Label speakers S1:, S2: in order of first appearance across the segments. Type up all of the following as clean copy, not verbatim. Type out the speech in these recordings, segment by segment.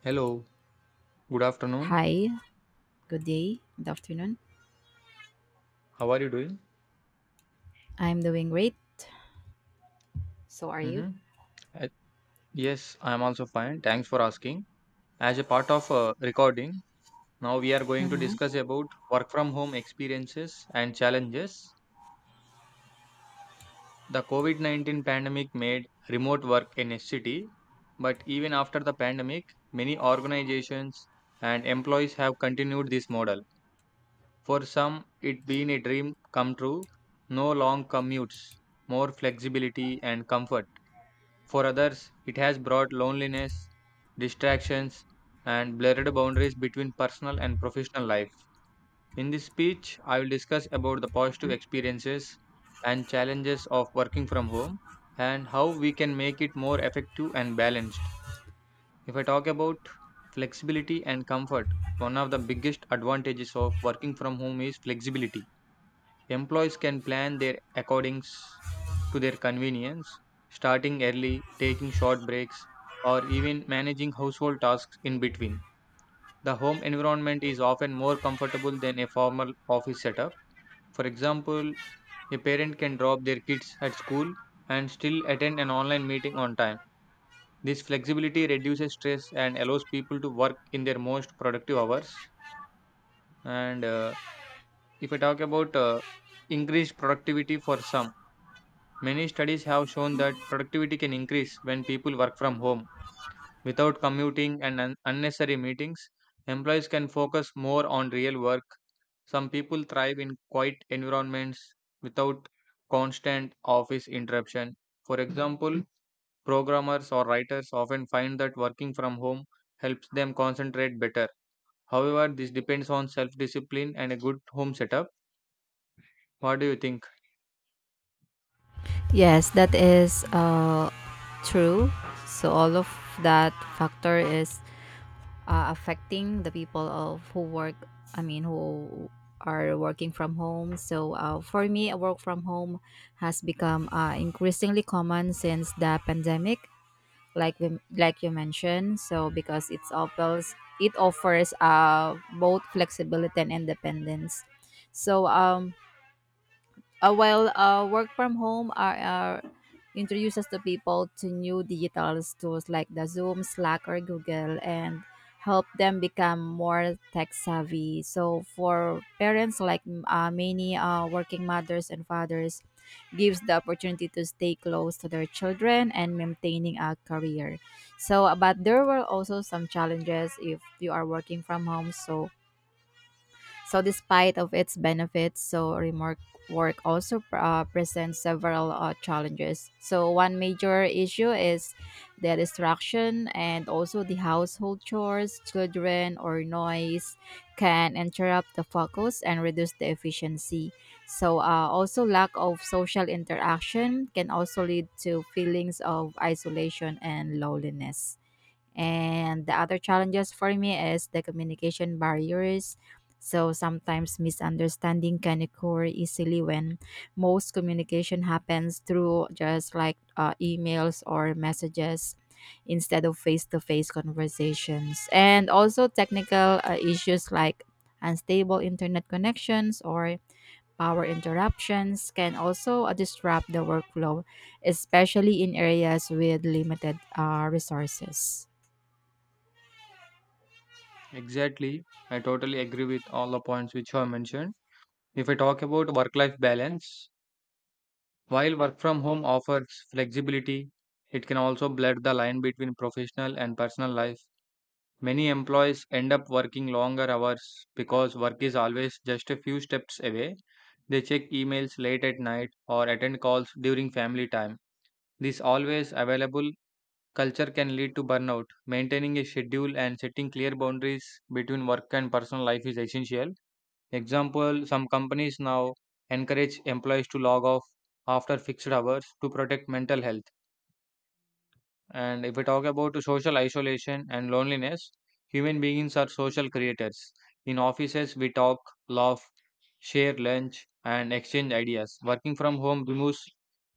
S1: Hello, good afternoon.
S2: Hi, good day, good afternoon.
S1: How are you doing?
S2: I'm doing great. So are you?
S1: Mm-hmm. Uh, yes, I am also fine. Thanks for asking. As a part of recording, now we are going to
S2: Hmm.
S1: discuss about work from home experiences and challenges. The COVID 19 pandemic made remote work a necessity, but even after the pandemic, many organizations and employees have continued this model. For some, it been a dream come true, no long commutes, more flexibility and comfort. For others, it has brought loneliness, distractions, and blurred boundaries between personal and professional life. In this speech, I will discuss about the positive experiences and challenges of working from home and how we can make it more effective and balanced. If I talk about flexibility and comfort, one of the biggest advantages of working from home is flexibility. Employees can plan their accordings to their convenience, starting early, taking short breaks, or even managing household tasks in between. The home environment is often more comfortable than a formal office setup. For example, a parent can drop their kids at school and still attend an online meeting on time. This flexibility reduces stress and allows people to work in their most productive hours. And if I talk about increased productivity for some, many studies have shown that productivity can increase when people work from home. Without commuting and unnecessary meetings, employees can focus more on real work. Some people thrive in quiet environments without constant office interruption. For example, programmers or writers often find that working from home helps them concentrate better. However, this depends on self discipline and a good home setup. What do you think?
S2: Yes, that is true. So all of that factor is affecting the people of who work. I mean, who are working from home. So for me, a work from home has become increasingly common since the pandemic. Like like you mentioned, so because it offers both flexibility and independence. So while work from home are introduces to people to new digital tools like the Zoom, Slack, or Google, and help them become more tech savvy. So for parents like many working mothers and fathers, gives the opportunity to stay close to their children and maintaining a career. So, but there were also some challenges if you are working from home. So despite of its benefits, so remote work also presents several challenges. So one major issue is the distraction, and also the household chores, children, or noise can interrupt the focus and reduce the efficiency. Also, lack of social interaction can also lead to feelings of isolation and loneliness. And the other challenges for me is the communication barriers. So sometimes misunderstanding can occur easily when most communication happens through just like emails or messages instead of face to face conversations. And also technical issues like unstable internet connections or power interruptions can also disrupt the workflow, especially in areas with limited resources.
S1: Exactly. I totally agree with all the points which you have mentioned. If I talk about work life balance, while work from home offers flexibility, it can also blur the line between professional and personal life. Many employees end up working longer hours because work is always just a few steps away. They check emails late at night or attend calls during family time. This always available culture can lead to burnout. Maintaining a schedule and setting clear boundaries between work and personal life is essential. Example, some companies now encourage employees to log off after fixed hours to protect mental health. And if we talk about social isolation and loneliness, human beings are social creators. In offices, we talk, laugh, share lunch, and exchange ideas. Working from home removes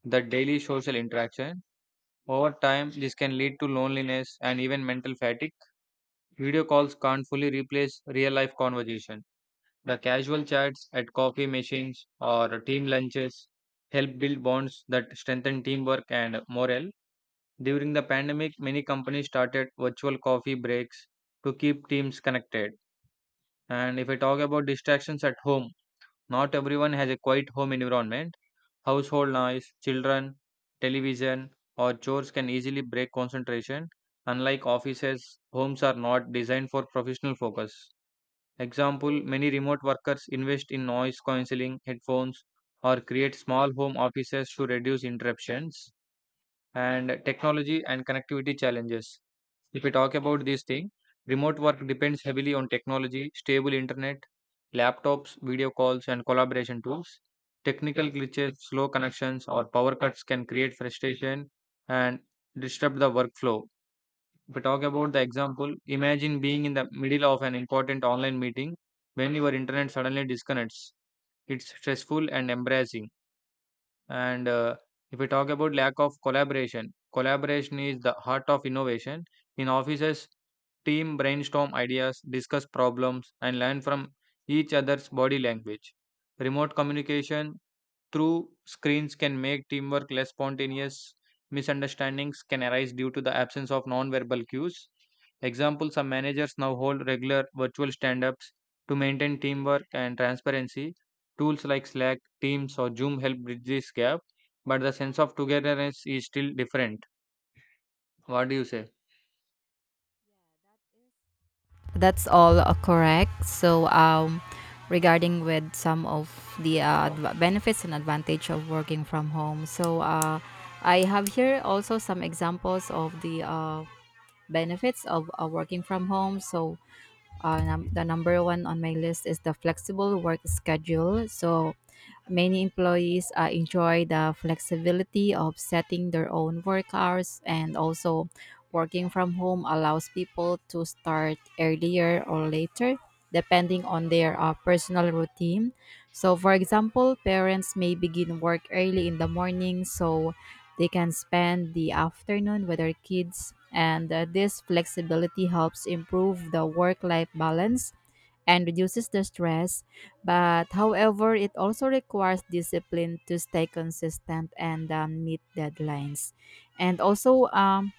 S1: the daily social interaction. Over time, this can lead to loneliness and even mental fatigue. Video calls can't fully replace real life conversation. The casual chats at coffee machines or team lunches help build bonds that strengthen teamwork and morale. During the pandemic, many companies started virtual coffee breaks to keep teams connected. And if I talk about distractions at home, not everyone has a quiet home environment. Household noise, children, television, or chores can easily break concentration. Unlike offices, homes are not designed for professional focus. Example, many remote workers invest in noise cancelling headphones or create small home offices to reduce interruptions and technology and connectivity challenges. If we talk about this thing, remote work depends heavily on technology, stable internet, laptops, video calls, and collaboration tools. Technical glitches, slow connections, or power cuts can create frustration and disrupt the workflow. If we talk about the example, imagine being in the middle of an important online meeting when your internet suddenly disconnects. It's stressful and embarrassing. And if we talk about lack of collaboration, collaboration is the heart of innovation. In offices, team brainstorm ideas, discuss problems, and learn from each other's body language. Remote communication through screens can make teamwork less spontaneous. Misunderstandings can arise due to the absence of non-verbal cues. Example, some managers now hold regular virtual stand-ups to maintain teamwork and transparency. Tools like Slack, Teams, or Zoom help bridge this gap, but the sense of togetherness is still different. What do you say?
S2: Yeah, that is that's all correct. So, regarding with some of the benefits and advantage of working from home. So, I have here also some examples of the benefits of working from home. So the number one on my list is the flexible work schedule. So many employees enjoy the flexibility of setting their own work hours, and also working from home allows people to start earlier or later depending on their personal routine. So for example, parents may begin work early in the morning so they can spend the afternoon with their kids, and this flexibility helps improve the work life balance and reduces the stress. But however, it also requires discipline to stay consistent and meet deadlines. And also,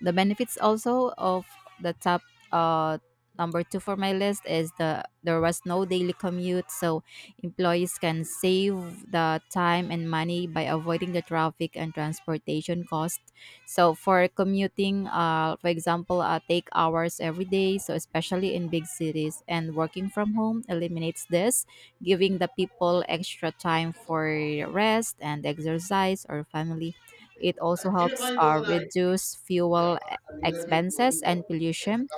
S2: the benefits also of the top, uh, number two for my list is, the there was no daily commute. So employees can save the time and money by avoiding the traffic and transportation cost. So for commuting, for example, take hours every day, so especially in big cities, and working from home eliminates this, giving the people extra time for rest and exercise or family. It also helps reduce expenses and pollution.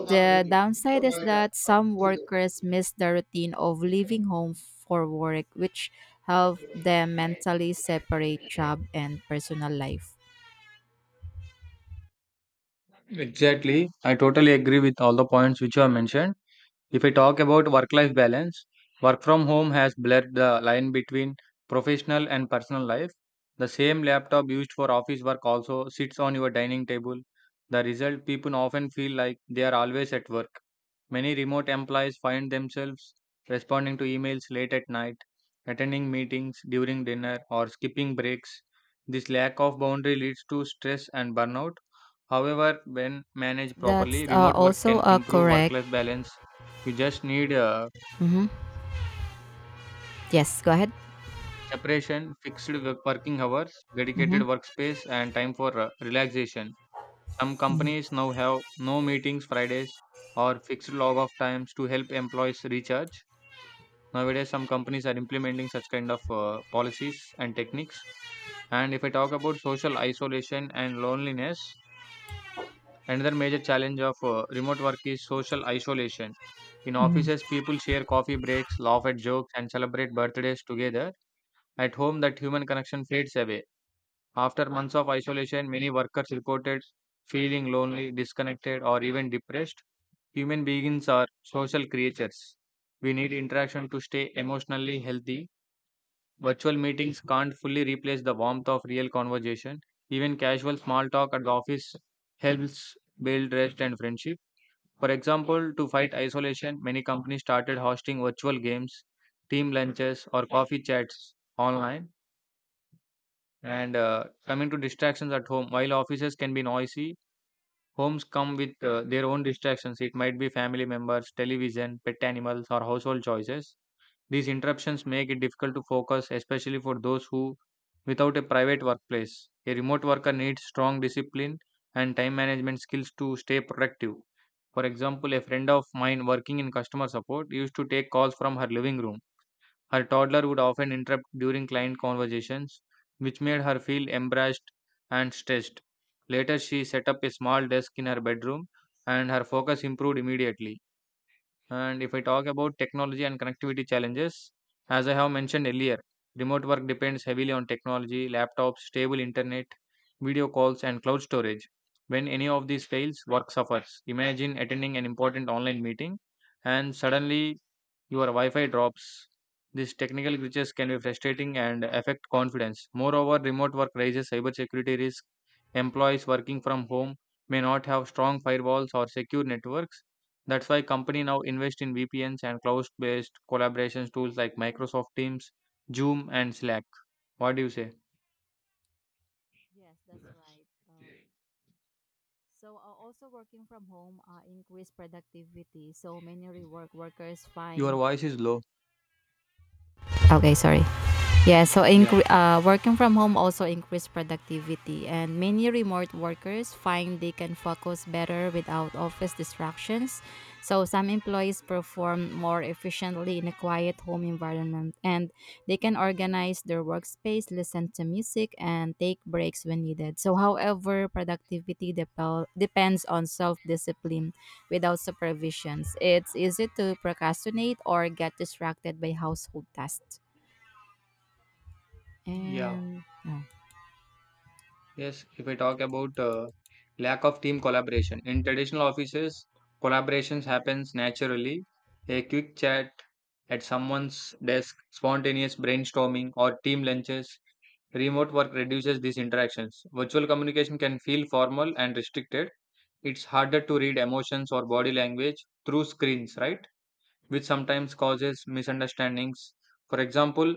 S2: The downside is that some workers miss the routine of leaving home for work, which help them mentally separate job and personal life.
S1: Exactly. I totally agree with all the points which you have mentioned. If I talk about work life balance, work from home has blurred the line between professional and personal life. The same laptop used for office work also sits on your dining table. The result, people often feel like they are always at work. Many remote employees find themselves responding to emails late at night, attending meetings during dinner, or skipping breaks. This lack of boundary leads to stress and burnout. However, when
S2: Yes,
S1: managed
S2: that's
S1: properly, remote work
S2: also
S1: can improve work
S2: correct.
S1: life balance. You just need
S2: Hmm. Yes, go ahead.
S1: separation, working hours, dedicated
S2: Hmm.
S1: workspace, and time for relaxation. Some
S2: Yes,
S1: companies now have no meetings Fridays or fixed log off times to help employees recharge. Nowadays, some companies are implementing such kind of policies and techniques. And if I talk about social isolation and loneliness, another major challenge of remote work is social isolation. In offices, people share coffee breaks, laugh at jokes, and celebrate birthdays together. At home, that human connection fades away. After months of isolation, many workers reported feeling lonely, disconnected, or even depressed. Human beings are social creatures. We need interaction to stay emotionally healthy. Virtual meetings can't fully replace the warmth of real conversation. Even casual small talk at the office helps build trust and friendship. For example, to fight isolation, many companies started hosting virtual games, team lunches, or coffee chats online. And coming to distractions at home, while offices can be noisy, homes come with their own distractions. It might be family members, television, pet animals, or household choices. These interruptions make it difficult to focus, especially for those who without a private workplace. A remote worker needs strong discipline and time management skills to stay productive. For example, a friend of mine working in customer support used to take calls from her living room. Her toddler would often interrupt during client conversations, which made her feel embarrassed and stressed. Later, she set up a small desk in her bedroom and her focus improved immediately. And if I talk about technology and connectivity challenges, as I have mentioned earlier, remote work depends heavily on technology, laptops, stable internet, video calls, and cloud storage. When any of these fails, work suffers. Imagine attending an important online meeting and suddenly your Wi-Fi drops. These technical glitches can be frustrating and affect confidence. Moreover, remote work raises cybersecurity risk. Employees working from home may not have strong firewalls or secure networks. That's why companies now invest in VPNs and cloud-based collaboration tools like Microsoft Teams, Zoom, and Slack. What do you say?
S2: that's right. Also, working from home increase productivity. So many rework workers
S1: Your
S2: find.
S1: voice is low.
S2: Okay, sorry. Yeah, so
S1: Yeah.
S2: working from home also increased productivity, and many remote workers find they can focus better without office distractions. So some employees perform more efficiently in a quiet home environment, and they can organize their workspace, listen to music, and take breaks when needed. So, however, productivity depends on self discipline. Without supervisions, it's easy to procrastinate or get distracted by household tasks.
S1: Yeah.
S2: And yeah.
S1: Yes, if I talk about lack of team collaboration in traditional offices, collaborations happens naturally. A quick chat at someone's desk, spontaneous brainstorming, or team lunches. Remote work reduces these interactions. Virtual communication can feel formal and restricted. It's harder to read emotions or body language through screens, right? Which sometimes causes misunderstandings. For example,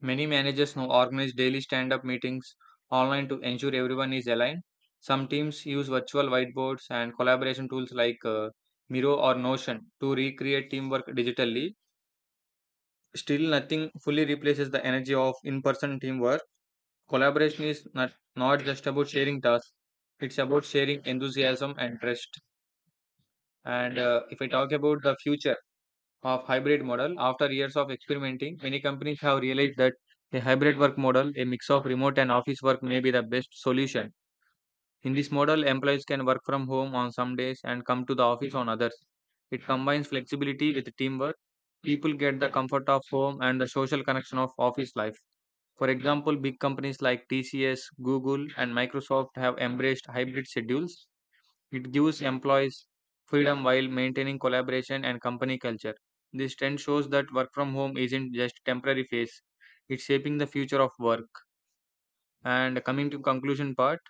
S1: many managers now organize daily stand up meetings online to ensure everyone is aligned. Some teams use virtual whiteboards and collaboration tools like Miro or Notion to recreate teamwork digitally. Still, nothing fully replaces the energy of in person teamwork. Collaboration is not just about sharing tasks, it's about sharing enthusiasm and trust. And if I talk about the future of hybrid model, after years of experimenting, many companies have realized that a hybrid work model, a mix of remote and office work, may be the best solution. In this model, employees can work from home on some days and come to the office on others. It combines flexibility with teamwork. People get the comfort of home and the social connection of office life. For example, big companies like TCS, Google, and Microsoft have embraced hybrid schedules. It gives employees freedom while maintaining collaboration and company culture. This trend shows that work from home isn't just a temporary phase. It's shaping the future of work. And coming to conclusion part,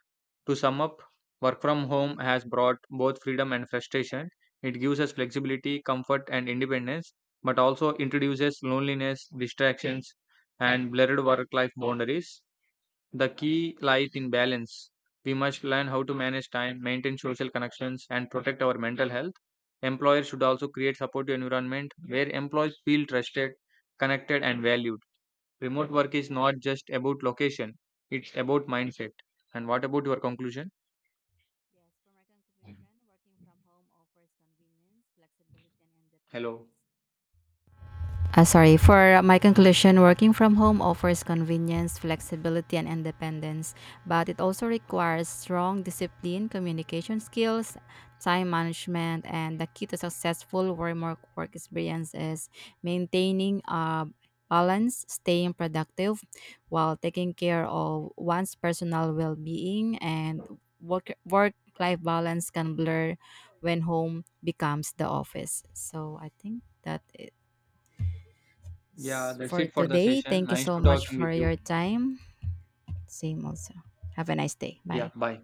S1: to sum up, work from home has brought both freedom and frustration. It gives us flexibility, comfort, and independence, but also introduces loneliness, distractions, and blurred work life boundaries. The key lies in balance. We must learn how to manage time, maintain social connections, and protect our mental health. Employers should also create supportive environment where employees feel trusted, connected, and valued. Remote work is not just about location; it's about mindset. And what about your conclusion?
S2: Yes, for my conclusion, working from home offers convenience, flexibility, and
S1: Hello.
S2: independence. Sorry, for my conclusion, working from home offers convenience, flexibility, and independence, but it also requires strong discipline, communication skills, time management, and the key to successful work experience is maintaining a balance, staying productive while taking care of one's personal well being, and work life balance can blur when home becomes the office. So I think that
S1: Yeah, that's
S2: for
S1: it for the
S2: today.
S1: session.
S2: Thank you
S1: Nice
S2: so
S1: to
S2: much
S1: talking with
S2: for
S1: you.
S2: your time. Same also. Have a nice day.
S1: Yeah,
S2: Bye.
S1: bye.